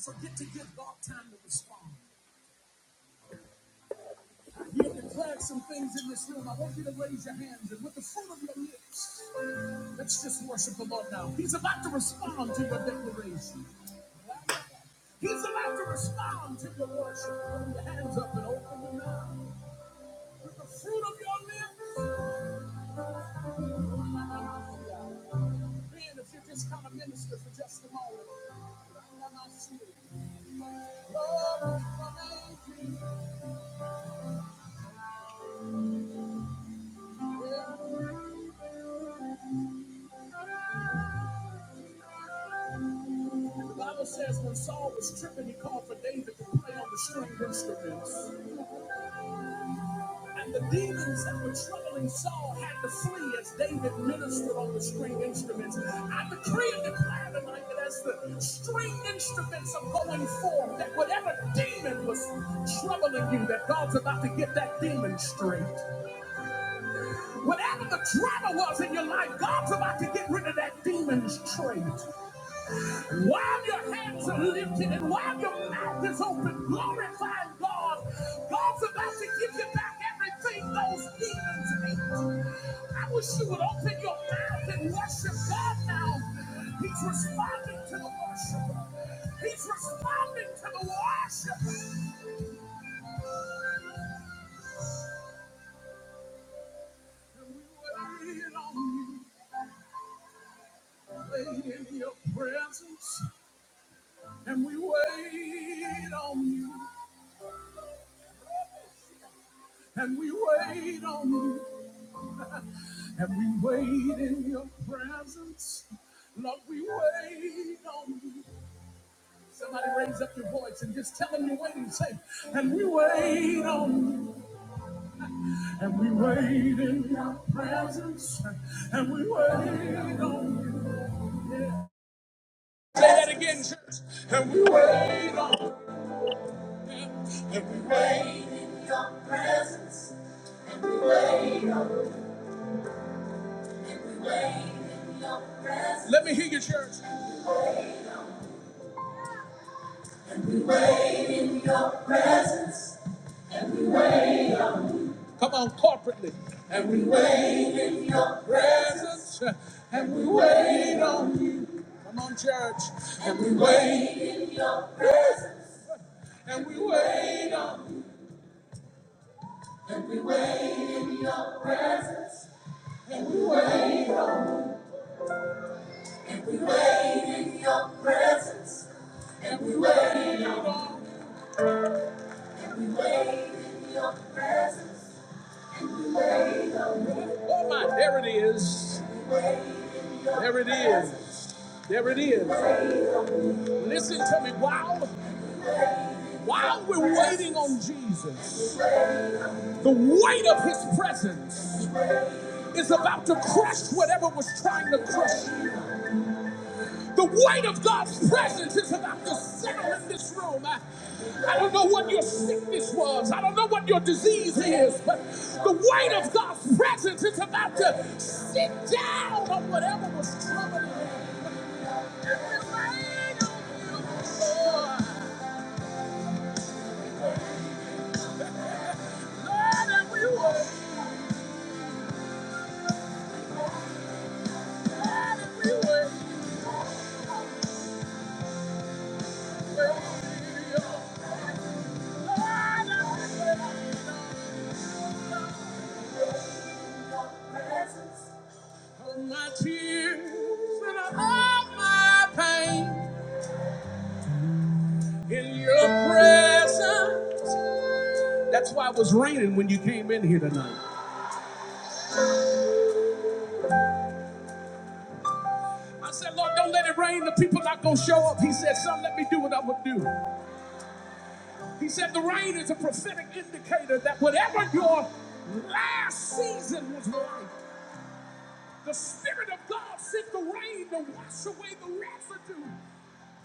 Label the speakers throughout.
Speaker 1: Forget to give God time to respond. You have declared some things in this room. I want you to raise your hands and with the fruit of your lips, let's just worship the Lord now. He's about to respond to your declaration. He's about to respond to your worship. Put your hands up and open your mouth. With the fruit of your lips. Man, if you just kind of minister for just a moment. Lord, I thank you. The Bible says when Saul was tripping, he called for David to play on the stringed instruments. And the demons that were troubling Saul had to flee as David ministered on the stringed instruments. I decree and declare tonight that as the stringed instruments are going forth, that whatever demon was troubling you, that God's about to get that demon straight. Whatever the trouble was in your life, God's about to get rid of that demon's trait. While your hands are lifted and while your mouth is open, glorifying God, God's about to give you back everything those demons ate. I wish you would open your mouth and worship God now. He's responding to the worship. He's responding to the worship. And we wait on you, wait in your presence, and we wait on you and we wait on you. And we wait in your presence. Lord, we wait on you. Somebody raise up your voice and just tell them you're waiting. Say, and we wait on you. And we wait in your presence. And we wait on you. Say that again, church. And we wait on you. And we wait in your presence. And we wait on you. And we wait in your presence. Let me hear you, church. We wait in your presence. And we wait. Come on, corporately. And we wait in your presence. And we wait on you. Come on, church. And we wait in your presence. And we wait on you. And we wait in your presence. And we wait on, You. and we wait in your presence. And we wait on. You. We wait in your presence. We wait on you. Oh my, there it is. There it is. There it is. Listen to me. While, while we're waiting on Jesus, the weight of his presence is about to crush whatever was trying to crush you. The weight of God's presence is about to settle in this room. I, I don't know what your sickness was. I don't know what your disease is, but the weight of God's presence is about to My tears and all my pain in your presence. That's why it was raining when you came in here tonight. I said, Lord, don't let it rain. The people not gonna show up. He said, Son, let me do what I'm gonna do. He said the rain is a prophetic indicator that whatever your last season was like, the Spirit of God sent the rain to wash away the residue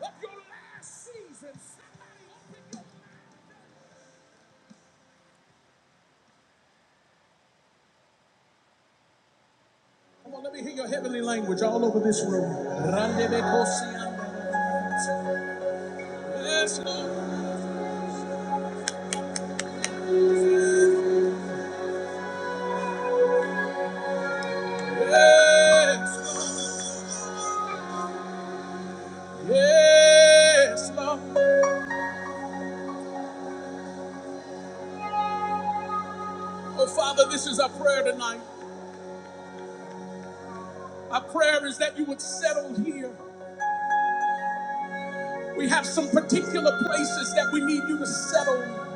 Speaker 1: of your last season. Somebody open your mouth. Come on, let me hear your heavenly language all over this room. Yes, Lord. Yes, Lord. Yes, Lord. Oh, Father, this is our prayer tonight. Our prayer is that you would settle here. We have some particular places that we need you to settle.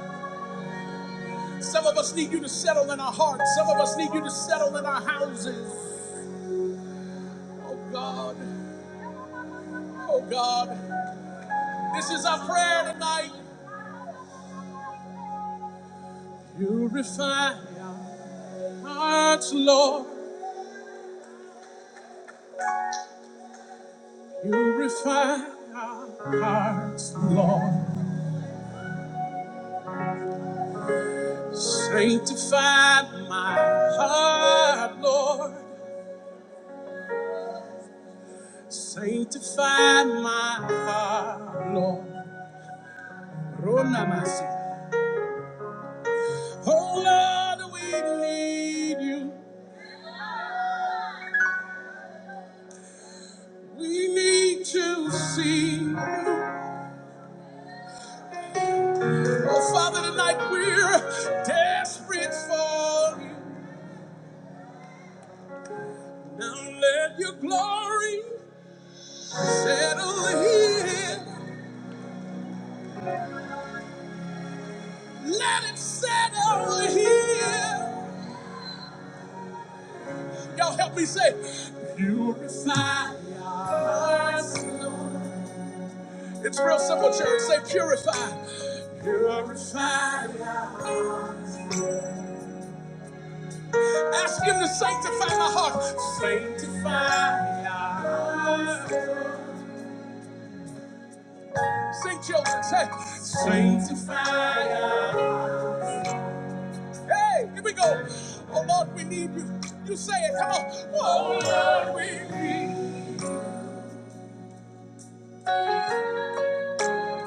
Speaker 1: Some of us need you to settle in our hearts. Some of us need you to settle in our houses. Oh God, oh God. This is our prayer tonight. You refine hearts, Lord. You refine our hearts, Lord. Sanctify my heart, Lord. Sanctify my heart, Lord. Ronamasi. Oh Lord, we need you. We need to see you. Oh Father, tonight we're desperate for you. Now let your glory settle here. Let it settle here. Y'all help me say, purify us. It's real simple, church. Say, purify. Purify. Ask him to sanctify my heart. Sanctify my heart. Sing children, say, sanctify our Hey, here we go. Oh Lord, we need you. You say it, come on. Oh Lord, we need you.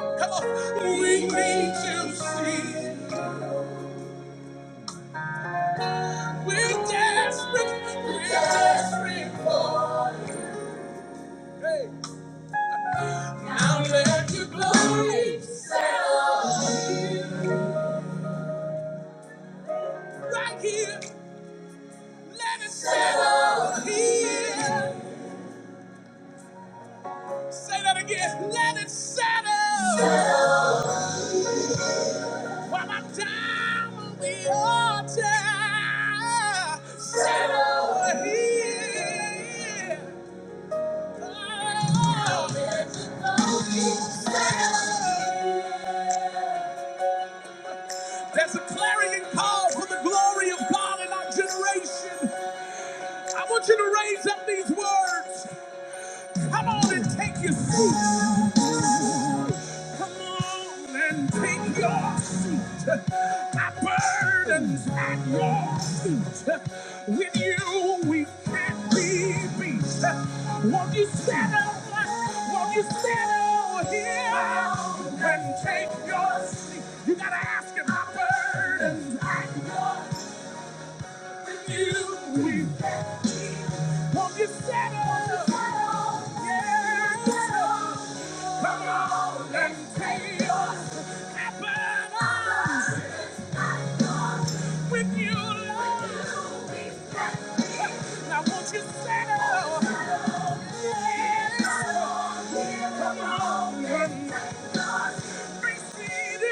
Speaker 1: Come on. We need to see. We're desperate. We're desperate for you. Hey. Now let your glory settle right here. Let it settle here. Say that again. Let it settle. settle. While I'm down on the altar. Settle here. Oh. There's a clarion call for the glory of God in our generation. I want you to raise up these words. Come on and take your seat. Come on and take your seat. My burden's at your feet. With you, we can't be beat. Won't you settle? Won't you settle here and take your seat? You gotta ask him. My burden's at your feet. With you, we. Won't you settle? Yeah. settle. Come on and take us. I burn up with you, Lord. Now won't you settle? Yeah. settle. Come on and receive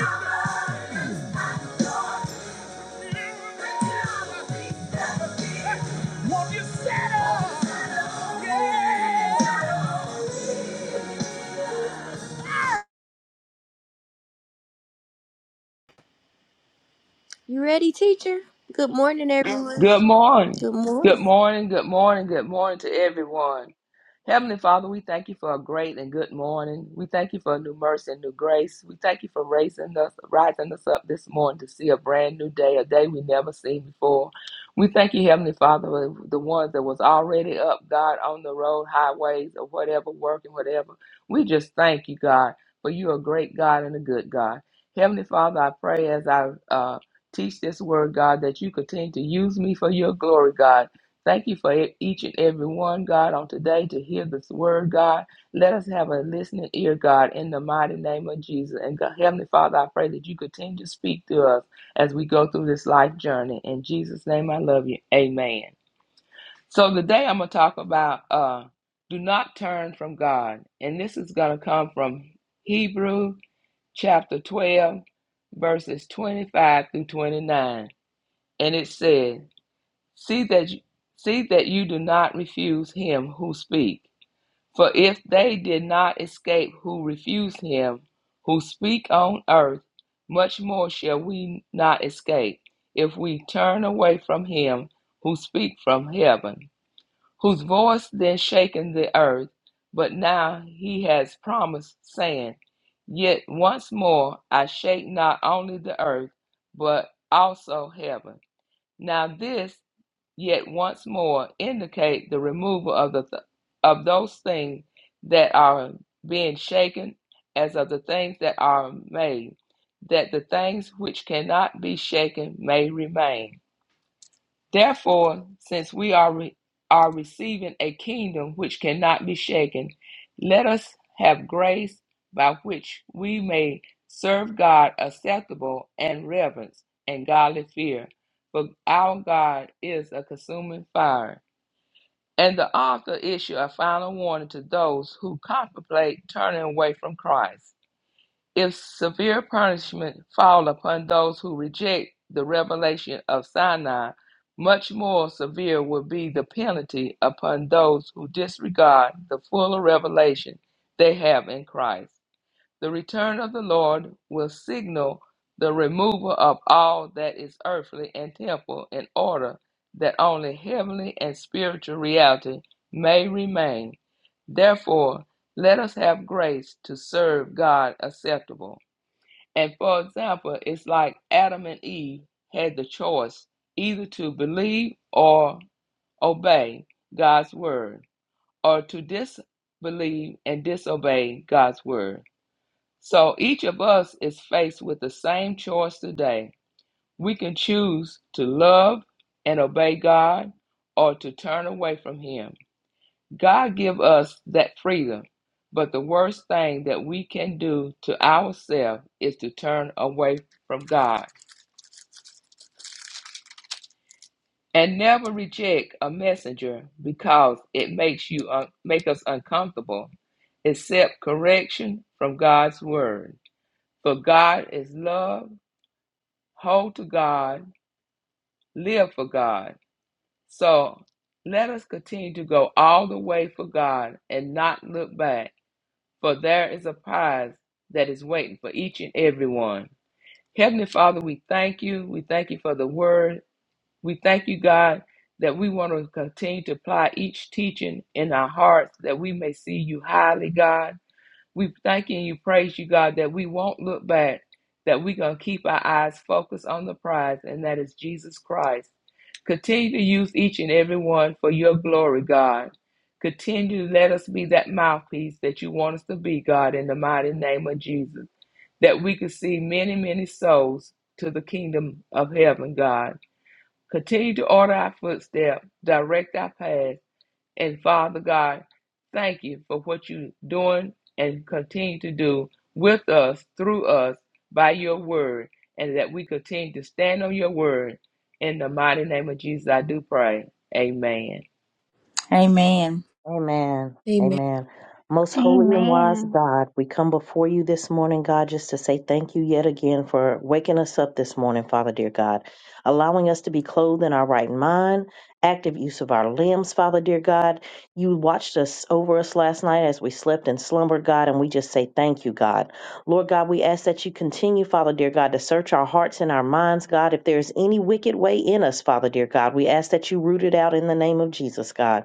Speaker 1: it. You ready, teacher? Good morning, everyone.
Speaker 2: Good morning.
Speaker 1: Good
Speaker 2: Good
Speaker 1: morning.
Speaker 2: morning. Good morning. Good morning to everyone. Heavenly Father, we thank you for a great and good morning. We thank you for a new mercy and new grace. We thank you for raising us, rising us up this morning to see a brand new day, a day we never seen before. We thank you, Heavenly Father, for the ones that was already up, God, on the road, highways, or whatever, working, whatever. We just thank you, God, for you are a great God and a good God. Heavenly Father, I pray as I uh, teach this word, God, that you continue to use me for your glory, God. Thank you for e- each and every one, God, on today to hear this word, God. Let us have a listening ear, God, in the mighty name of Jesus. And God, Heavenly Father, I pray that you continue to speak to us as we go through this life journey. In Jesus' name, I love you. Amen. So today I'm going to talk about uh, do not turn from God. And this is going to come from Hebrew chapter 12, verses 25 through 29. And it says, See that you, see that you do not refuse him who speak. For if they did not escape who refused him who speak on earth, much more shall we not escape if we turn away from him who speak from heaven, whose voice then shaken the earth, but now he has promised, saying, Yet once more I shake not only the earth, but also heaven. Now this yet once more indicate the removal of the th- of those things that are being shaken as of the things that are made that the things which cannot be shaken may remain Therefore, since we are, re- are receiving a kingdom which cannot be shaken, let us have grace by which we may serve God acceptable and reverence and godly fear. For our God is a consuming fire. And the author issue a final warning to those who contemplate turning away from Christ. If severe punishment fall upon those who reject the revelation of Sinai, much more severe will be the penalty upon those who disregard the fuller revelation they have in Christ. The return of the Lord will signal the removal of all that is earthly and temporal in order that only heavenly and spiritual reality may remain. Therefore, let us have grace to serve God acceptable. And for example, it's like Adam and Eve had the choice either to believe or obey God's word, or to disbelieve and disobey God's word. So each of us is faced with the same choice today. We can choose to love and obey God or to turn away from him. God give us that freedom, but the worst thing that we can do to ourselves is to turn away from God. And never reject a messenger because it makes you un- make us uncomfortable. Accept correction from God's word. For God is love. Hold to God live for God. So let us continue to go all the way for God and not look back, for there is a prize that is waiting for each and every one. Heavenly Father, we thank you. We thank you for the word. We thank you, God, that we want to continue to apply each teaching in our hearts that we may see you highly, God. We thank you and you praise you, God, that we won't look back, that we're going to keep our eyes focused on the prize, and that is Jesus Christ. Continue to use each and every one for your glory, God. Continue to let us be that mouthpiece that you want us to be, God, in the mighty name of Jesus, that we could see many, many souls to the kingdom of heaven, God. Continue to order our footsteps, direct our path, and Father God, thank you for what you're doing and continue to do with us, through us, by your word, and that we continue to stand on your word. In the mighty name of Jesus, I do pray. Amen.
Speaker 3: Amen.
Speaker 4: Amen.
Speaker 1: Amen.
Speaker 4: Amen. Most holy and wise
Speaker 5: Amen.
Speaker 4: God, we come before you this morning, God, just to say thank you yet again for waking us up this morning, Father dear God, allowing us to be clothed in our right mind, active use of our limbs, Father dear God. You watched us over us last night as we slept and slumbered, God, and we just say thank you, God. Lord God, we ask that you continue, Father dear God, to search our hearts and our minds, God. If there is any wicked way in us, Father dear God, we ask that you root it out in the name of Jesus, God.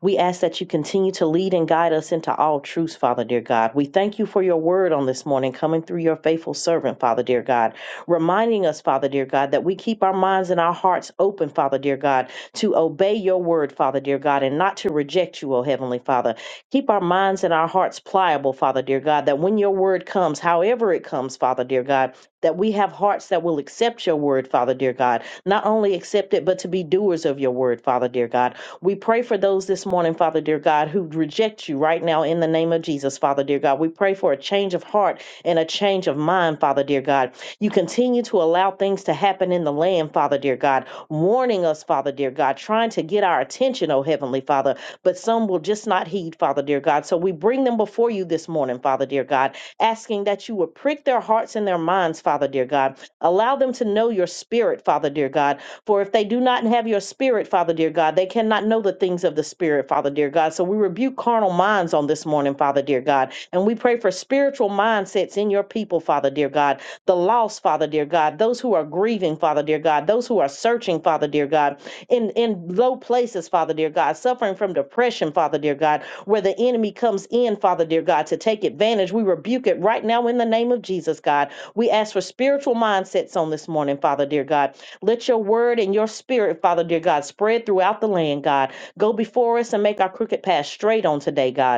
Speaker 4: We ask that you continue to lead and guide us into all truths, Father dear God. We thank you for your word on this morning coming through your faithful servant, Father dear God, reminding us, Father dear God, that we keep our minds and our hearts open, Father dear God, to obey your word, Father dear God, and not to reject you, O Heavenly Father. Keep our minds and our hearts pliable, Father dear God, that when your word comes, however it comes, Father dear God, that we have hearts that will accept your word, Father dear God, not only accept it, but to be doers of your word, Father dear God we pray for those this morning, Father dear God, who reject you right now in the name of Jesus, Father dear God. We pray for a change of heart and a change of mind, Father dear God. You continue to allow things to happen in the land, Father dear God, warning us, Father dear God, trying to get our attention, oh Heavenly Father, but some will just not heed, Father dear God. So we bring them before you this morning, Father dear God, asking that you would prick their hearts and their minds, Father dear God. Allow them to know your spirit, Father dear God for if they do not have your spirit, Father dear God, they cannot know the things of the spirit, Father dear God. So we rebuke carnal minds on this morning, Father dear God. And we pray for spiritual mindsets in your people, Father dear God. The lost, Father dear God. Those who are grieving, Father dear God. Those who are searching, Father dear God. In, in low places, Father dear God. Suffering from depression, Father dear God. Where the enemy comes in, Father dear God, to take advantage. We rebuke it right now in the name of Jesus, God. We ask for spiritual mindsets on this morning, Father dear God let your word and your spirit, Father, dear God, spread throughout the land, God. Go before us and make our crooked path straight on today, God.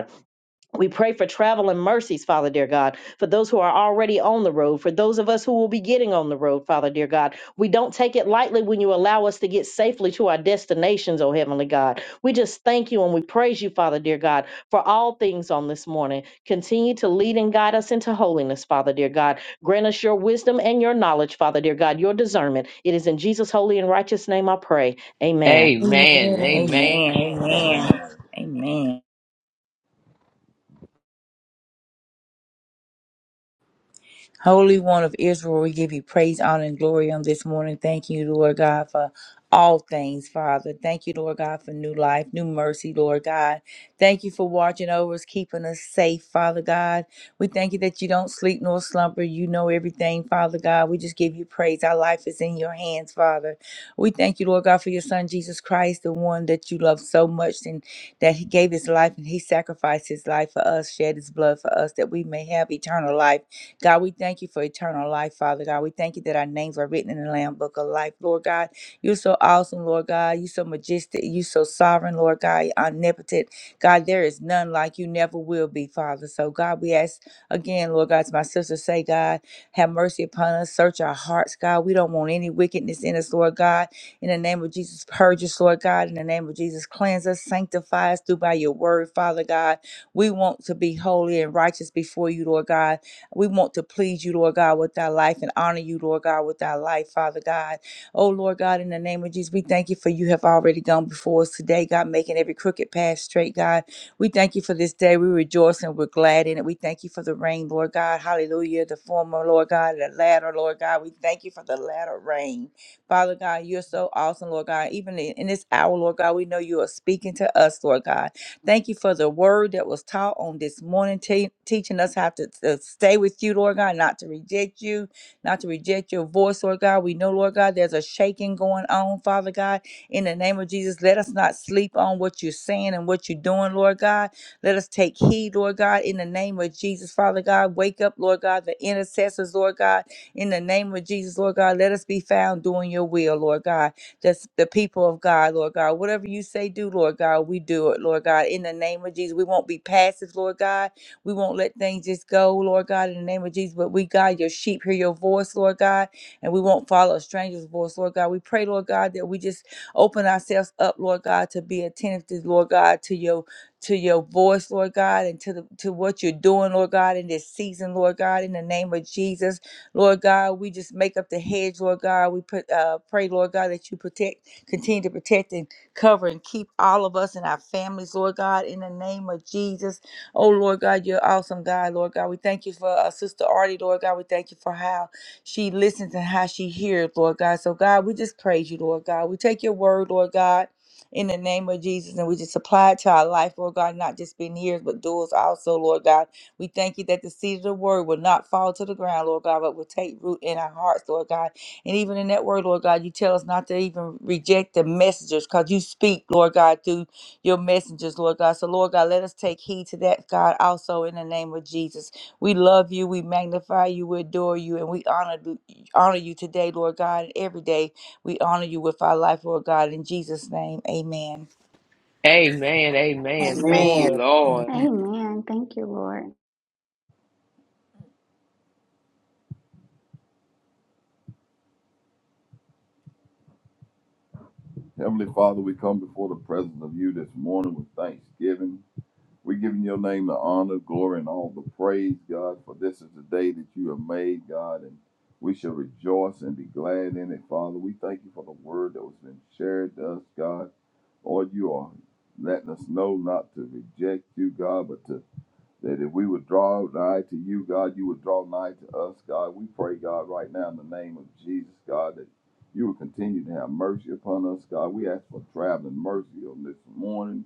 Speaker 4: We pray for travel and mercies, Father dear God, for those who are already on the road, for those of us who will be getting on the road, Father dear God. We don't take it lightly when you allow us to get safely to our destinations, oh Heavenly God. We just thank you and we praise you, Father dear God, for all things on this morning. Continue to lead and guide us into holiness, Father dear God. Grant us your wisdom and your knowledge, Father dear God, your discernment. It is in Jesus' holy and righteous name I pray. Amen.
Speaker 2: Amen. Amen.
Speaker 3: Amen. Amen. Amen. Holy One of Israel, we give you praise, honor, and glory on this morning. Thank you, Lord God, for all things, Father. Thank you, Lord God, for new life, new mercy, Lord God. Thank you for watching over us, keeping us safe, Father God. We thank you that you don't sleep nor slumber. You know everything, Father God. We just give you praise. Our life is in your hands, Father. We thank you, Lord God, for your Son, Jesus Christ, the one that you love so much and that he gave his life and he sacrificed his life for us, shed his blood for us, that we may have eternal life. God, we thank you for eternal life, Father God. We thank you that our names are written in the Lamb Book of Life, Lord God. You're so awesome, Lord God. You're so majestic. You're so sovereign, Lord God, omnipotent. God, there is none like you, never will be, Father. So, God, we ask again, Lord God, to my sister, say, God, have mercy upon us. Search our hearts, God. We don't want any wickedness in us, Lord God. In the name of Jesus, purge us, Lord God. In the name of Jesus, cleanse us, sanctify us through by your word, Father God. We want to be holy and righteous before you, Lord God. We want to please you, Lord God, with our life and honor you, Lord God, with our life, Father God. Oh, Lord God, in the name of Jesus, we thank you for you have already gone before us today, God, making every crooked path straight, God. We thank you for this day. We rejoice and we're glad in it. We thank you for the rain, Lord God. Hallelujah. The former, Lord God, the latter, Lord God. We thank you for the latter rain. Father God, you're so awesome, Lord God. Even in in this hour, Lord God, we know you are speaking to us, Lord God. Thank you for the word that was taught on this morning, te- teaching us how to, to stay with you, Lord God, not to reject you, not to reject your voice, Lord God. We know, Lord God, there's a shaking going on, Father God. In the name of Jesus, let us not sleep on what you're saying and what you're doing, Lord God. Let us take heed, Lord God, in the name of Jesus, Father God. Wake up, Lord God, the intercessors, Lord God, in the name of Jesus, Lord God. Let us be found doing your will, Lord God just the people of God, Lord God. Whatever you say, do, Lord God, we do it, Lord God. In the name of Jesus, we won't be passive, Lord God. We won't let things just go, Lord God, in the name of Jesus. But we, God, your sheep hear your voice, Lord God, and we won't follow a stranger's voice, Lord God. We pray, Lord God, that we just open ourselves up, Lord God, to be attentive to, Lord God, to your to your voice, Lord God, and to the to what you're doing, Lord God, in this season, Lord God, in the name of Jesus. Lord God, we just make up the hedge, Lord God. We put, uh, pray, Lord God, that you protect, continue to protect and cover and keep all of us and our families, Lord God, in the name of Jesus. Oh, Lord God, you're awesome, God, Lord God. We thank you for uh, Sister Artie, Lord God. We thank you for how she listens and how she hears, Lord God. So, God, we just praise you, Lord God. We take your word, Lord God. In the name of Jesus, and we just apply it to our life, Lord God, not just being hearers, but doers also, Lord God. We thank you that the seed of the word will not fall to the ground, Lord God, but will take root in our hearts, Lord God. And even in that word, Lord God, you tell us not to even reject the messengers because you speak, Lord God, through your messengers, Lord God. So, Lord God, let us take heed to that, God, also in the name of Jesus. We love you, we magnify you, we adore you, and we honor, honor you today, Lord God. And every day we honor you with our life, Lord God. In Jesus' name, amen.
Speaker 2: Amen. Amen. Thank
Speaker 6: Amen.
Speaker 2: you,
Speaker 4: Amen.
Speaker 2: Lord.
Speaker 6: Amen.
Speaker 5: Amen. Thank you, Lord.
Speaker 7: Heavenly Father, we come before the presence of you this morning with thanksgiving. We're giving your name the honor, glory, and all the praise, God, for this is the day that you have made, God, and we shall rejoice and be glad in it, Father. We thank you for the word that was been shared to us, God. Lord, you are letting us know not to reject you, God, but to that if we would draw nigh to you, God, you would draw nigh to us, God. We pray, God, right now in the name of Jesus, God, that you would continue to have mercy upon us, God. We ask for traveling mercy on this morning,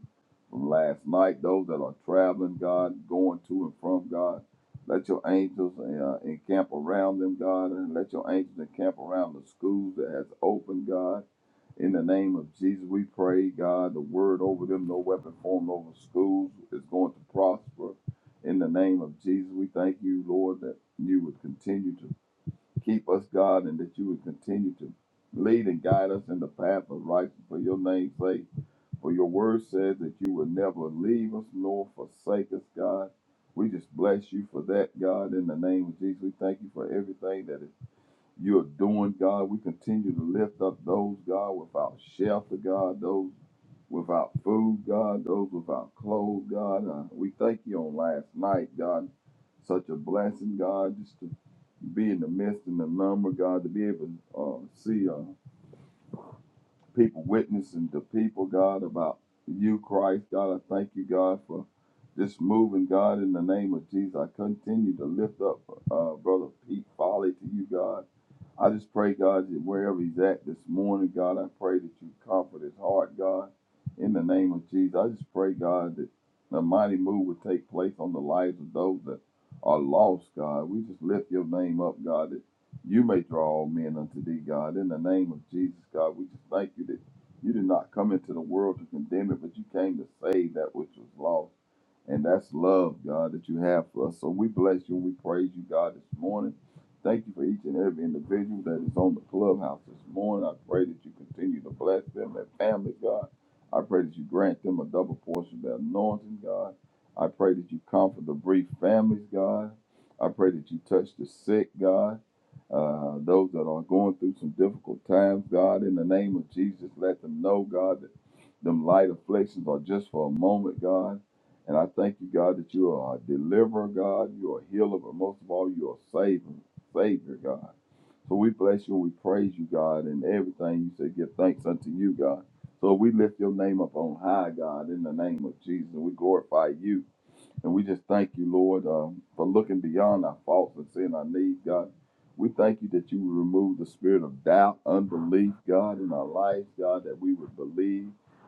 Speaker 7: from last night, those that are traveling, God, going to and from, God. Let your angels uh, encamp around them, God, and let your angels encamp around the schools that has opened, God. In the name of Jesus, we pray, God, the word over them, no weapon formed over schools is going to prosper. In the name of Jesus, we thank you, Lord, that you would continue to keep us, God, and that you would continue to lead and guide us in the path of righteousness for your name's sake. For your word says that you will never leave us nor forsake us, God. We just bless you for that, God, in the name of Jesus. We thank you for everything that is you are doing, God. We continue to lift up those, God, without shelter, God, those without food, God, those without clothes, God. Uh, we thank you on last night, God. Such a blessing, God, just to be in the midst and the number, God, to be able to uh, see uh, people witnessing to people, God, about you, Christ, God. I thank you, God, for just moving, God, in the name of Jesus. I continue to lift up uh, Brother Pete Folly to you, God. I just pray, God, that wherever he's at this morning, God, I pray that you comfort his heart, God. In the name of Jesus, I just pray, God, that the mighty move would take place on the lives of those that are lost, God. We just lift your name up, God, that you may draw all men unto thee, God. In the name of Jesus, God, we just thank you that you did not come into the world to condemn it, but you came to save that which was lost. And that's love, God, that you have for us. So we bless you and we praise you, God, this morning. Thank you for each and every individual that is on the clubhouse this morning. I pray that you continue to bless them, their family, God. I pray that you grant them a double portion of their anointing, God. I pray that you comfort the bereaved families, God. I pray that you touch the sick, God. Uh, those that are going through some difficult times, God, in the name of Jesus, let them know, God, that them light afflictions are just for a moment, God. And I thank you, God, that you are a deliverer, God. You are a healer, but most of all, you are a savior, savior, God. So we bless you and we praise you, God, and everything you say, give thanks unto you, God. So we lift your name up on high, God, in the name of Jesus. We glorify you. And we just thank you, Lord, um, for looking beyond our faults and seeing our needs, God. We thank you that you would remove the spirit of doubt, unbelief, God, in our lives, God, that we would believe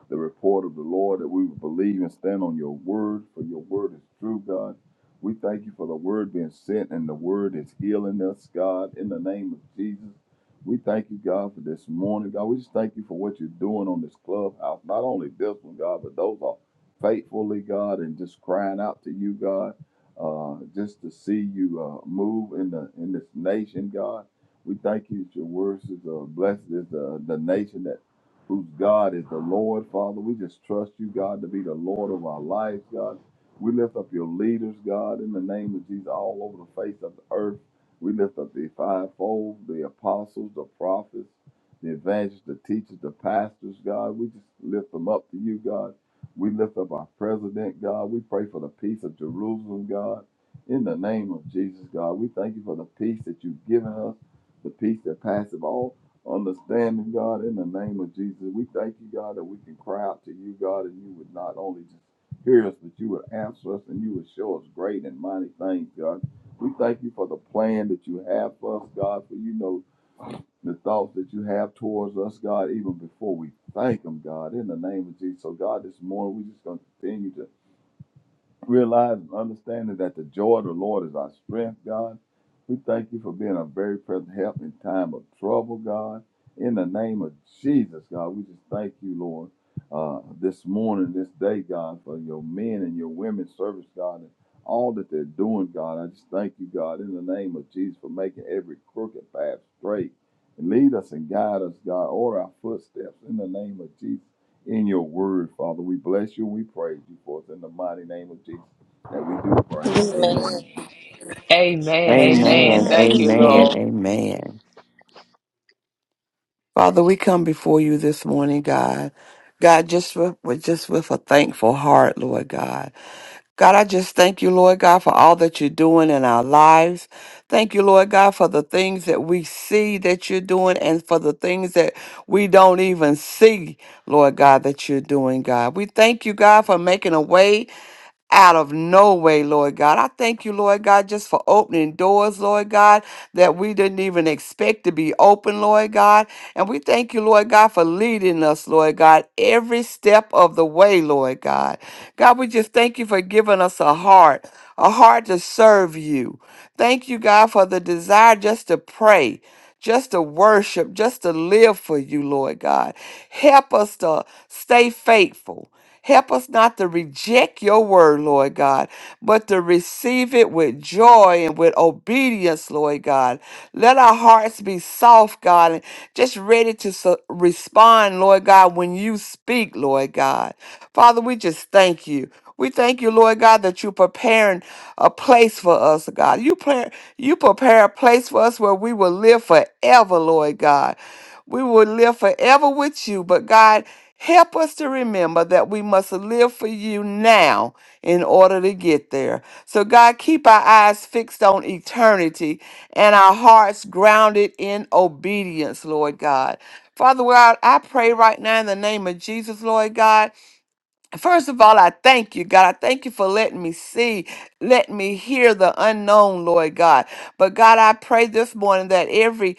Speaker 7: the report of the Lord, that we would believe and stand on your word, for your word is true, God. We thank you for the word being sent, and the word is healing us, God, in the name of Jesus. We thank you, God, for this morning, God. We just thank you for what you're doing on this clubhouse, not only this one, God, but those all faithfully, God, and just crying out to you, God, uh, just to see you uh, move in the in this nation, God. We thank you that your words is uh, blessed is the, the nation that whose God is the Lord, Father. We just trust you, God, to be the Lord of our lives, God. We lift up your leaders, God, in the name of Jesus, all over the face of the earth. We lift up the fivefold, the apostles, the prophets, the evangelists, the teachers, the pastors, God. We just lift them up to you, God. We lift up our president, God. We pray for the peace of Jerusalem, God. In the name of Jesus, God, we thank you for the peace that you've given us, the peace that passeth all understanding, God. In the name of Jesus, we thank you, God, that we can cry out to you, God, and you would not only just hear us, but you would answer us and you would show us great and mighty things, God. We thank you for the plan that you have for us, God, for you know the thoughts that you have towards us, God, even before we thank them, God, in the name of Jesus. So, God, this morning we're just going to continue to realizing, and understanding that the joy of the Lord is our strength, God. We thank you for being a very present help in time of trouble, God. In the name of Jesus, God, we just thank you, Lord, uh, this morning, this day, God, for your men and your women's service, God, and all that they're doing, God. I just thank you, God, in the name of Jesus, for making every crooked path straight. And lead us and guide us, God. Order our footsteps in the name of Jesus in your word, Father. We bless you. We praise you for it in the mighty name of Jesus that we do pray.
Speaker 6: Amen.
Speaker 7: Amen.
Speaker 2: Amen. Amen.
Speaker 8: Amen.
Speaker 5: Amen.
Speaker 2: Thank you,
Speaker 8: Amen.
Speaker 2: Lord.
Speaker 5: Amen.
Speaker 8: Amen. Father, we come before you this morning, God. God, just with, with just with a thankful heart, Lord God. God, I just thank you, Lord God, for all that you're doing in our lives. Thank you, Lord God, for the things that we see that you're doing and for the things that we don't even see, Lord God, that you're doing, God. We thank you, God, for making a way out of no way, Lord God. I thank you, Lord God, just for opening doors, Lord God, that we didn't even expect to be open, Lord God. And we thank you, Lord God, for leading us, Lord God, every step of the way, Lord God. God, we just thank you for giving us a heart, a heart to serve you. Thank you, God, for the desire just to pray. Just to worship, just to live for you, Lord God. Help us to stay faithful. Help us not to reject your word, Lord God, but to receive it with joy and with obedience, Lord God. Let our hearts be soft, God, and just ready to su- respond, Lord God, when you speak, Lord God. Father, we just thank you. We thank you, Lord God, that you're preparing a place for us, God. You, pre- you prepare a place for us where we will live forever, Lord God. We will live forever with you, but God, help us to remember that we must live for you now in order to get there. So, God, keep our eyes fixed on eternity and our hearts grounded in obedience, Lord God. Father God, I pray right now in the name of Jesus, Lord God. First of all, I thank you, God. I thank you for letting me see. Let me hear the unknown, Lord God. But God, I pray this morning that every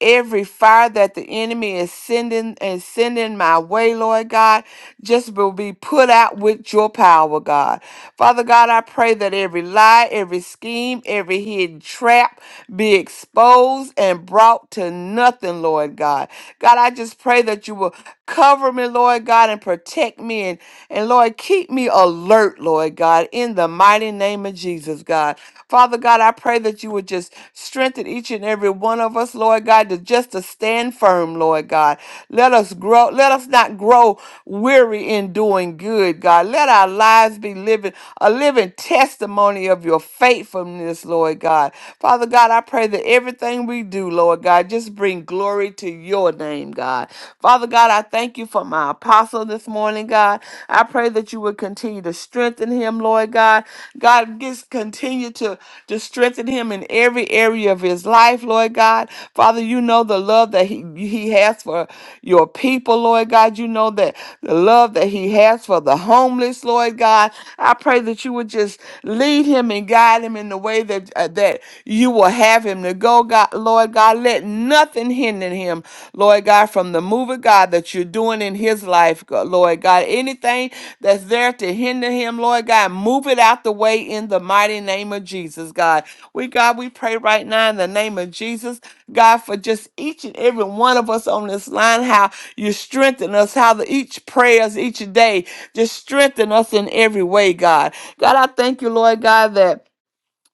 Speaker 8: every fire that the enemy is sending and sending my way, Lord God, just will be put out with your power, God. Father God, I pray that every lie, every scheme, every hidden trap be exposed and brought to nothing, Lord God. God, I just pray that you will cover me, Lord God, and protect me and, and Lord, keep me alert, Lord God. God, in the mighty name of Jesus, God. Father God, I pray that you would just strengthen each and every one of us, Lord God, to just to stand firm, Lord God. Let us grow, let us not grow weary in doing good, God. Let our lives be living a living testimony of your faithfulness, Lord God. Father God, I pray that everything we do, Lord God, just bring glory to your name, God. Father God, I thank you for my apostle this morning, God. I pray that you would continue continue to strengthen him, Lord God. God, just continue to, to strengthen him in every area of his life, Lord God. Father, you know the love that he, he has for your people, Lord God. You know that the love that he has for the homeless, Lord God. I pray that you would just lead him and guide him in the way that uh, that you will have him to go, God, Lord God. Let nothing hinder him, Lord God, from the move of God that you're doing in his life, God- Lord God. Anything that's there to hinder him, Lord God. Move it out the way in the mighty name of Jesus, God. We, God, we pray right now in the name of Jesus, God, for just each and every one of us on this line, how you strengthen us, how the, each prayers each day just strengthen us in every way, God. God, I thank you, Lord God, that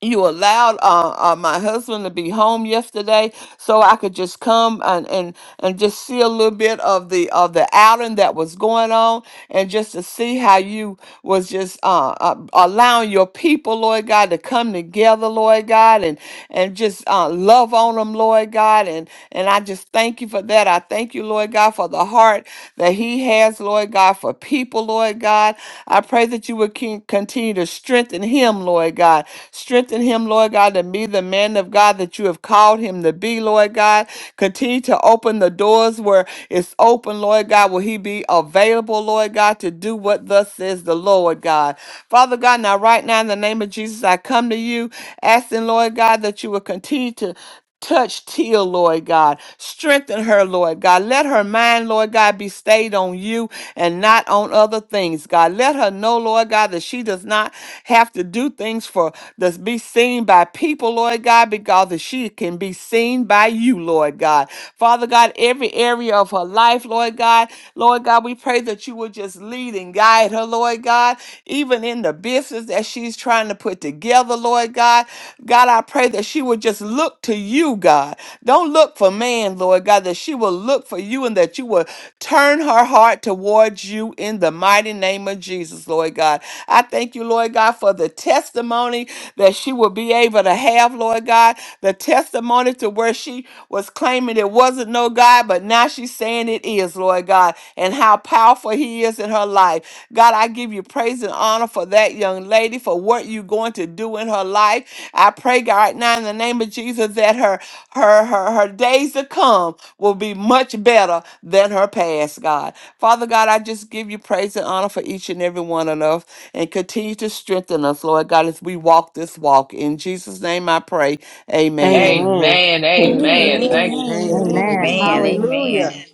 Speaker 8: you allowed uh, uh, my husband to be home yesterday so I could just come and, and and just see a little bit of the of the outing that was going on and just to see how you was just uh, uh allowing your people lord god to come together lord god and and just uh love on them lord god and and i just thank you for that i thank you lord god for the heart that he has lord god for people lord god i pray that you would con- continue to strengthen him lord god strengthen him lord god to be the man of god that you have called him to be be, Lord God. Continue to open the doors where it's open, Lord God. Will he be available, Lord God, to do what thus says the Lord God? Father God, now right now in the name of Jesus, I come to you asking, Lord God, that you will continue to Touch Teal, Lord God. Strengthen her, Lord God. Let her mind, Lord God, be stayed on you and not on other things, God. Let her know, Lord God, that she does not have to do things for that's be seen by people, people, Lord God, because that she can be seen by you, Lord God. Father God, every area of her life, Lord God, Lord God, we pray that you will just lead and guide her, Lord God, even in the business that she's trying to put together, Lord God. God, I pray that she would just look to you, God. Don't look for man, Lord God, that she will look for you and that you will turn her heart towards you in the mighty name of Jesus, Lord God. I thank you, Lord God, for the testimony testimony that she will be able to have, Lord God. The testimony to where she was claiming it wasn't no God, but now she's saying it is, Lord God, and how powerful He is in her life. God, I give you praise and honor for that young lady, for what you're going to do in her life. I pray, God, right now in the name of Jesus, that her her her her days to come will be much better than her past, God. Father God, I just give you praise and honor for each and every one of us and continue to strengthen us, Lord God, as we walk this walk. In Jesus' name I pray. Amen.
Speaker 9: Amen.
Speaker 2: Amen. Amen.
Speaker 7: Amen.
Speaker 5: Amen.
Speaker 2: Thank
Speaker 5: Amen.
Speaker 6: Amen.
Speaker 4: Amen.
Speaker 9: Amen.
Speaker 3: Man,
Speaker 5: Amen.
Speaker 4: Hallelujah.
Speaker 3: amen.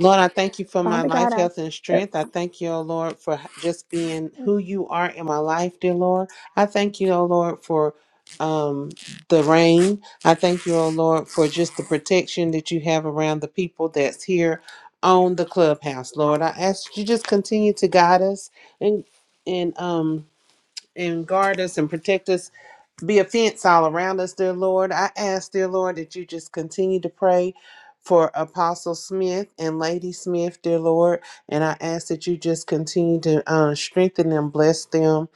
Speaker 9: Lord, I thank you for my
Speaker 5: Father God,
Speaker 9: life,
Speaker 5: I
Speaker 9: health, and strength. I thank you, O Lord, for just being who you are in my life, dear Lord. I thank you, O Lord, for um the rain. I thank you, O Lord, for just the protection that you have around the people that's here on the clubhouse, Lord. I ask that you just continue to guide us and and um and guard us and protect us be a fence all around us, dear Lord. I ask, dear Lord, that you just continue to pray for Apostle Smith and Lady Smith, dear Lord. And I ask that you just continue to uh, strengthen them, bless them,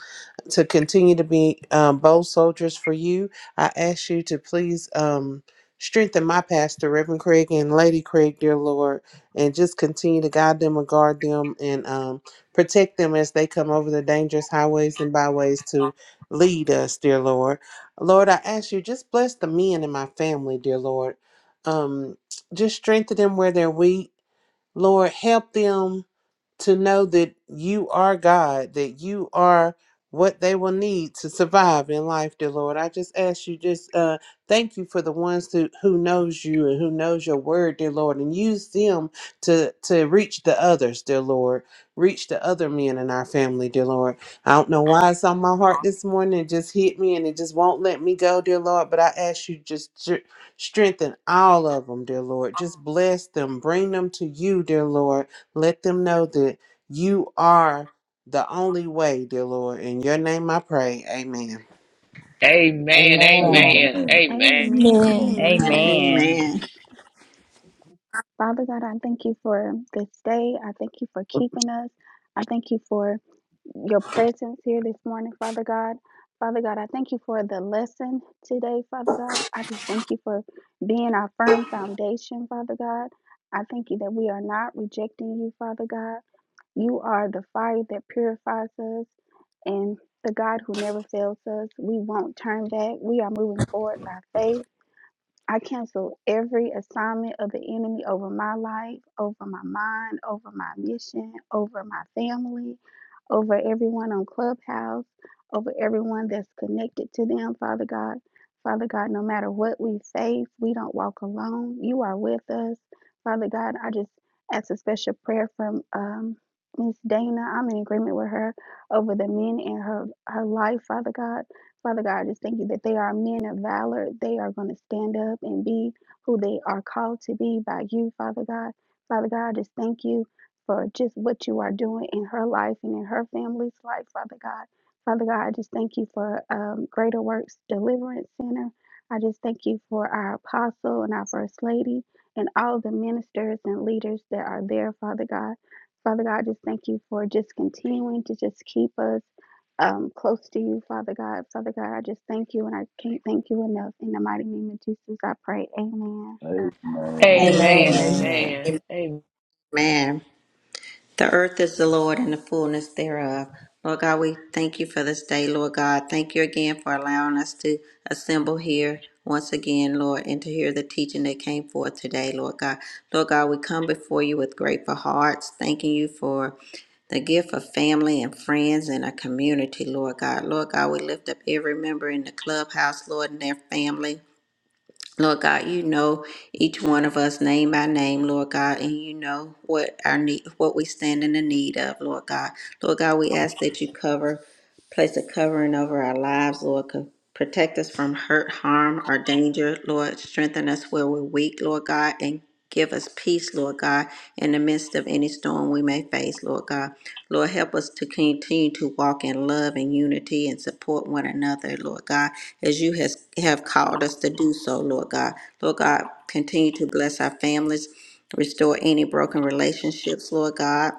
Speaker 9: to continue to be um, bold soldiers for you. I ask you to please um, strengthen my pastor, Reverend Craig and Lady Craig, dear Lord, and just continue to guide them and guard them and um, protect them as they come over the dangerous highways and byways to lead us, dear Lord. Lord, I ask you just bless the men in my family, dear Lord. Um, just strengthen them where they're weak. Lord, help them to know that you are God, that you are what they will need to survive in life, dear Lord. I just ask you, just uh, thank you for the ones who, who knows you and who knows your word, dear Lord, and use them to to reach the others, dear Lord. Reach the other men in our family, dear Lord. I don't know why it's on my heart this morning. It just hit me and it just won't let me go, dear Lord. But I ask you just to strengthen all of them, dear Lord. Just bless them. Bring them to you, dear Lord let them know that you are the only way, dear Lord. In your name I pray. Amen.
Speaker 2: you. Amen.
Speaker 4: Amen.
Speaker 2: Amen.
Speaker 7: Amen.
Speaker 2: Amen.
Speaker 5: Amen.
Speaker 1: Amen.
Speaker 3: Amen.
Speaker 6: Amen.
Speaker 5: Amen.
Speaker 6: Amen.
Speaker 5: Father God, I thank you for this day. I thank you for keeping us. I thank you for your presence here this morning, Father God. Father God, I thank you for the lesson today, Father God. I just thank you for being our firm foundation, Father God. I thank you that we are not rejecting you, Father God. You are the fire that purifies us and the God who never fails us. We won't turn back. We are moving forward by faith I cancel every assignment of the enemy over my life, over my mind, over my mission, over my family, over everyone on Clubhouse, over everyone that's connected to them, Father God. Father God, no matter what we face, we don't walk alone. You are with us. Father God, I just ask a special prayer from um, Miss Dana. I'm in agreement with her over the men in her, her life, Father God. Father God, I just thank you that they are men of valor. They are going to stand up and be who they are called to be by you, Father God. Father God, I just thank you for just what you are doing in her life and in her family's life, Father God. Father God, I just thank you for um, Greater Works Deliverance Center. I just thank you for our apostle and our first lady and all the ministers and leaders that are there, Father God. Father God, I just thank you for just continuing to just keep us um, close to you, Father God. Father God, I just thank you and I can't thank you enough. In the mighty name of Jesus, I pray. Amen.
Speaker 7: Amen.
Speaker 6: Amen.
Speaker 3: Amen.
Speaker 2: Amen.
Speaker 7: Praise,
Speaker 4: Amen.
Speaker 8: Amen.
Speaker 2: Amen. Amen.
Speaker 6: Amen. The earth is the Lord and the fullness thereof. Lord God, we thank you for this day, Lord God. Thank you again for allowing us to assemble here once again, Lord, and to hear the teaching that came forth today, Lord God. Lord God, we come before you with grateful hearts, thanking you for the gift of family and friends and a community, Lord God. Lord God, we lift up every member in the clubhouse, Lord, and their family. Lord God, you know each one of us name by name, Lord God, and you know what our need, what we stand in the need of, Lord God. Lord God, we ask that you cover. Place a covering over our lives, Lord. Co- Protect us from hurt, harm, or danger, Lord. Strengthen us where we're weak, Lord God, and give us peace, Lord God, in the midst of any storm we may face, Lord God. Lord, help us to continue to walk in love and unity and support one another, Lord God, as you has, have called us to do so, Lord God. Lord God, continue to bless our families, restore any broken relationships, Lord God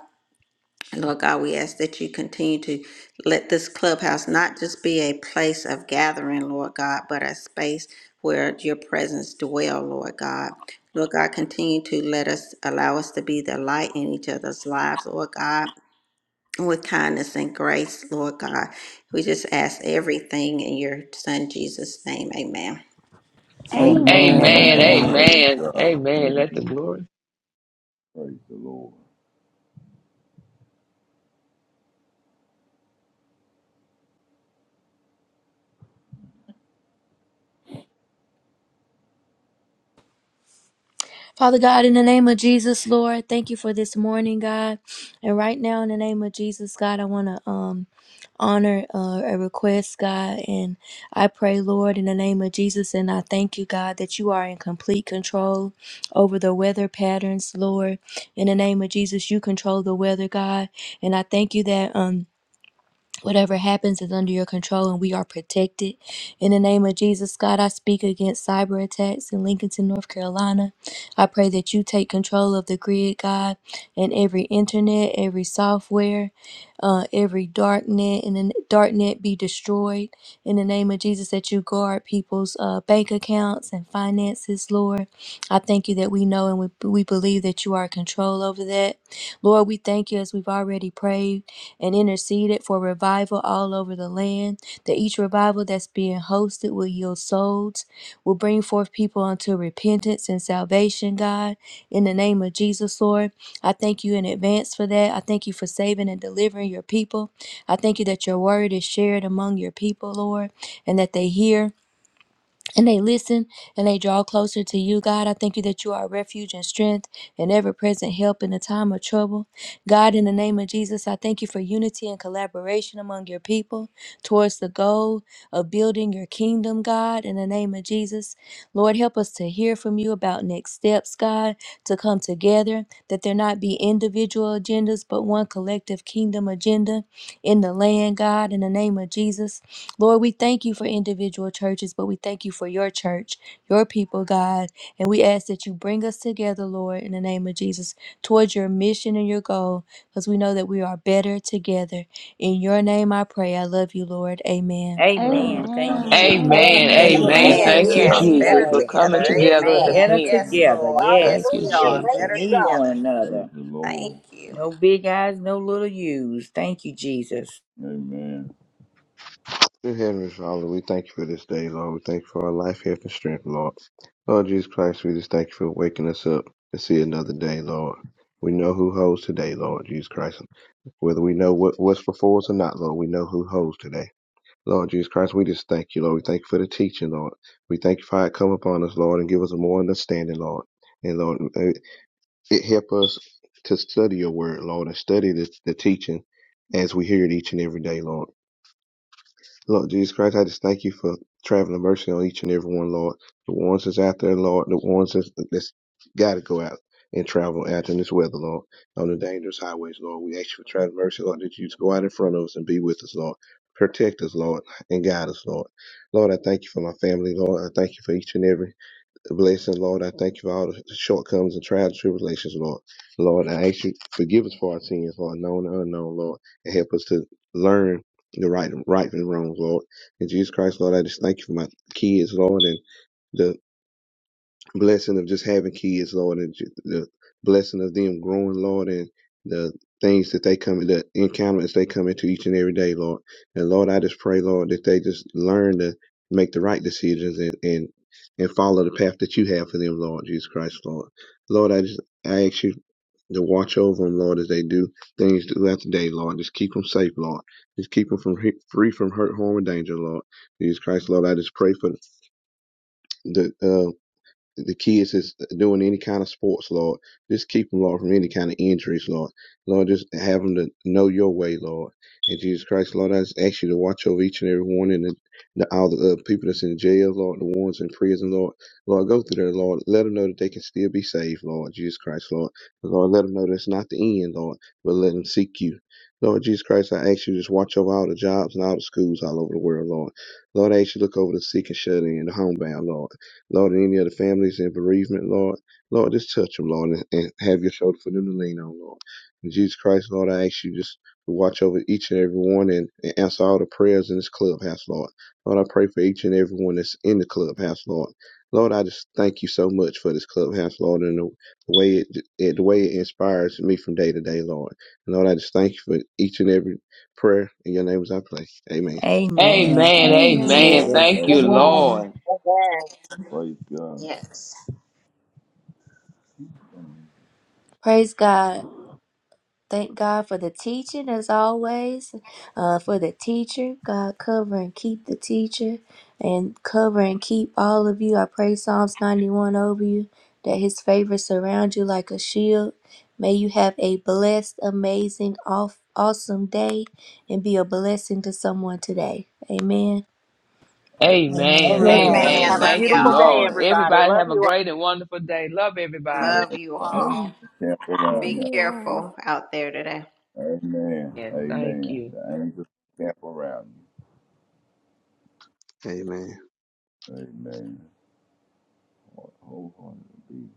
Speaker 6: Lord God, we ask that you continue to let this clubhouse not just be a place of gathering, Lord God, but a space where your presence dwell, Lord God. Lord God, continue to let us allow us to be the light in each other's lives, Lord God, with kindness and grace, Lord God. We just ask everything in your son Jesus' name. Amen.
Speaker 3: Amen.
Speaker 5: Amen.
Speaker 8: Amen.
Speaker 3: Amen.
Speaker 2: Amen.
Speaker 7: amen.
Speaker 8: Amen.
Speaker 7: Praise
Speaker 5: Amen.
Speaker 2: Amen.
Speaker 7: God.
Speaker 2: Amen. Let the
Speaker 10: Amen.
Speaker 2: glory.
Speaker 7: Praise the Lord.
Speaker 1: Father God, in the name of Jesus, Lord, thank you for this morning, God. And right now, in the name of Jesus, God, I want to um honor uh, a request, God, and I pray, Lord, in the name of Jesus, and I thank you, God, that you are in complete control over the weather patterns, Lord. In the name of Jesus, you control the weather, God, and I thank you that um Whatever happens is under your control and we are protected. In the name of Jesus, God, I speak against cyber attacks in Lincolnton, North Carolina. I pray that you take control of the grid, God, and every internet, every software uh, every dark net and the dark net be destroyed in the name of Jesus that you guard people's uh, bank accounts and finances, Lord. I thank you that we know and we, we believe that you are in control over that. Lord, we thank you as we've already prayed and interceded for revival all over the land land, that each revival that's being hosted will yield souls, will bring forth people unto repentance and salvation, God. In the name of Jesus, Lord, I thank you in advance for that. I thank you for saving and delivering your people. I thank you that your word is shared among your people, Lord, and that they hear and they listen and they draw closer to you, God. I thank you that you are a refuge and strength and ever present help in the time of trouble. God, in the name of Jesus, I thank you for unity and collaboration among your people towards the goal of building your kingdom, God, in the name of Jesus. Lord, help us to hear from you about next steps, God, to come together, that there not be individual agendas, but one collective kingdom agenda in the land, God, in the name of Jesus. Lord, we thank you for individual churches, but we thank you for your church, your people, God. And we ask that you bring us together, Lord, in the name of Jesus, towards your mission and your goal, because we know that we are better together. In your name I pray. I love you, Lord. Amen.
Speaker 7: Amen.
Speaker 3: Amen. Thank you,
Speaker 5: Amen.
Speaker 3: Jesus.
Speaker 4: Amen.
Speaker 2: Amen.
Speaker 7: Praise
Speaker 3: Thank
Speaker 5: Amen.
Speaker 3: you,
Speaker 7: God.
Speaker 5: Thank
Speaker 2: Amen.
Speaker 4: Amen.
Speaker 5: you,
Speaker 6: Amen.
Speaker 4: It
Speaker 2: Thank
Speaker 3: Jesus.
Speaker 2: you,
Speaker 4: is
Speaker 6: Yes,
Speaker 5: Lord.
Speaker 2: Jesus,
Speaker 6: better
Speaker 4: so.
Speaker 2: for
Speaker 3: Hallelujah.
Speaker 4: It
Speaker 2: coming
Speaker 6: together.
Speaker 4: is
Speaker 2: together
Speaker 4: so.
Speaker 2: the
Speaker 6: Amen.
Speaker 3: Better
Speaker 2: kingdom.
Speaker 6: Yes,
Speaker 3: together.
Speaker 6: Lord.
Speaker 3: Yes.
Speaker 2: Thank
Speaker 6: Yes,
Speaker 2: you,
Speaker 6: we
Speaker 4: Hallelujah.
Speaker 3: Yes.
Speaker 6: are
Speaker 4: Thank
Speaker 3: We
Speaker 6: better
Speaker 4: you,
Speaker 2: Jesus.
Speaker 3: need
Speaker 4: God.
Speaker 3: one
Speaker 6: together.
Speaker 7: Praise
Speaker 3: another.
Speaker 7: the
Speaker 6: Thank
Speaker 7: Lord.
Speaker 6: you.
Speaker 3: No big eyes, no little U's. Thank you, Jesus.
Speaker 7: Amen.
Speaker 10: Dear Heavenly Father, we thank you for this day, Lord. We thank you for our life, health, and strength, Lord. Lord Jesus Christ, we just thank you for waking us up to see another day, Lord. We know who holds today, Lord Jesus Christ. Whether we know what, what's before us or not, Lord, we know who holds today. Lord Jesus Christ, we just thank you, Lord. We thank you for the teaching, Lord. We thank you for how it come upon us, Lord, and give us a more understanding, Lord. And Lord, it it help us to study your word, Lord, and study the, the teaching as we hear it each and every day, Lord. Lord Jesus Christ, I just thank you for traveling mercy on each and every one, Lord. The ones that's out there, Lord, the ones that's, that's got to go out and travel out in this weather, Lord, on the dangerous highways, Lord. We ask you for traveling mercy, Lord, that you just go out in front of us and be with us, Lord. Protect us, Lord, and guide us, Lord. Lord, I thank you for my family, Lord. I thank you for each and every Blessing, Lord, I thank you for all the shortcomings and trials and tribulations, Lord. Lord, I ask you forgive us for our sins, Lord, known and unknown, Lord, and help us to learn the right, right and wrong, Lord. In Jesus Christ, Lord, I just thank you for my kids, Lord, and the blessing of just having kids, Lord, and ju- the blessing of them growing, Lord, and the things that they come, the encounters they come into each and every day, Lord. And Lord, I just pray, Lord, that they just learn to make the right decisions and and and follow the path that you have for them, Lord Jesus Christ, Lord. Lord, I just I ask you to watch over them, Lord, as they do things throughout the day, Lord. Just keep them safe, Lord. Just keep them from free from hurt, harm, and danger, Lord. Jesus Christ, Lord, I just pray for the uh, the kids is doing any kind of sports, Lord. Just keep them, Lord, from any kind of injuries, Lord. Lord, just have them to know your way, Lord. And Jesus Christ, Lord, I just ask you to watch over each and every one and the, the, all the uh, people that's in jail, Lord, the ones in prison, Lord. Lord, go through there, Lord. Let them know that they can still be saved, Lord. Jesus Christ, Lord. Lord, let them know that's not the end, Lord, but let them seek you. Lord Jesus Christ, I ask you to just watch over all the jobs and all the schools all over the world, Lord. Lord, I ask you to look over the sick and shut in, the homebound, Lord. Lord, and any other families in bereavement, Lord, Lord, just touch them, Lord, and, and have your shoulder for them to lean on, Lord. In Jesus Christ, Lord, I ask you just to watch over each and every one and, and answer all the prayers in this clubhouse, Lord. Lord, I pray for each and every one that's in the clubhouse, Lord. Lord, I just thank you so much for this clubhouse, Lord, and the way it, it the way it inspires me from day to day, Lord. And Lord, I just thank you for each and every prayer. In your name, as I pray. Amen.
Speaker 3: Amen.
Speaker 2: Amen.
Speaker 3: Thank you,
Speaker 2: Amen.
Speaker 1: Amen.
Speaker 5: Amen.
Speaker 3: Jesus.
Speaker 2: Thank you,
Speaker 7: Amen.
Speaker 1: Amen.
Speaker 2: Lord.
Speaker 4: Amen.
Speaker 7: Praise God.
Speaker 6: Yes.
Speaker 1: Praise God. Thank God for the teaching, as always, uh, for the teacher. God, cover and keep the teacher and cover and keep all of you. I pray Psalms 91 over you, that his favor surround you like a shield. May you have a blessed, amazing, off, awesome day and be a blessing to someone today. Amen.
Speaker 7: A-
Speaker 4: Amen.
Speaker 2: Amen.
Speaker 3: Amen.
Speaker 4: Amen.
Speaker 2: Amen.
Speaker 6: Amen.
Speaker 4: Have
Speaker 7: Amen.
Speaker 4: a
Speaker 6: Love
Speaker 5: Amen.
Speaker 2: Thank you,
Speaker 4: beautiful
Speaker 5: Thank
Speaker 6: y'all.
Speaker 4: day,
Speaker 5: you.
Speaker 2: Lord.
Speaker 4: everybody.
Speaker 2: Everybody
Speaker 4: Love
Speaker 2: have a
Speaker 4: you all.
Speaker 2: great and wonderful day. Love everybody.
Speaker 7: Yes,
Speaker 6: Love you
Speaker 7: the angels
Speaker 6: all.
Speaker 7: camp
Speaker 5: Love
Speaker 7: around
Speaker 6: Be
Speaker 7: y'all.
Speaker 5: you all.
Speaker 6: careful out there today.
Speaker 7: Amen.
Speaker 2: And thank
Speaker 7: Amen.
Speaker 2: you.
Speaker 7: The angels camp around you.
Speaker 10: Amen.
Speaker 7: Amen. Wholeheartedly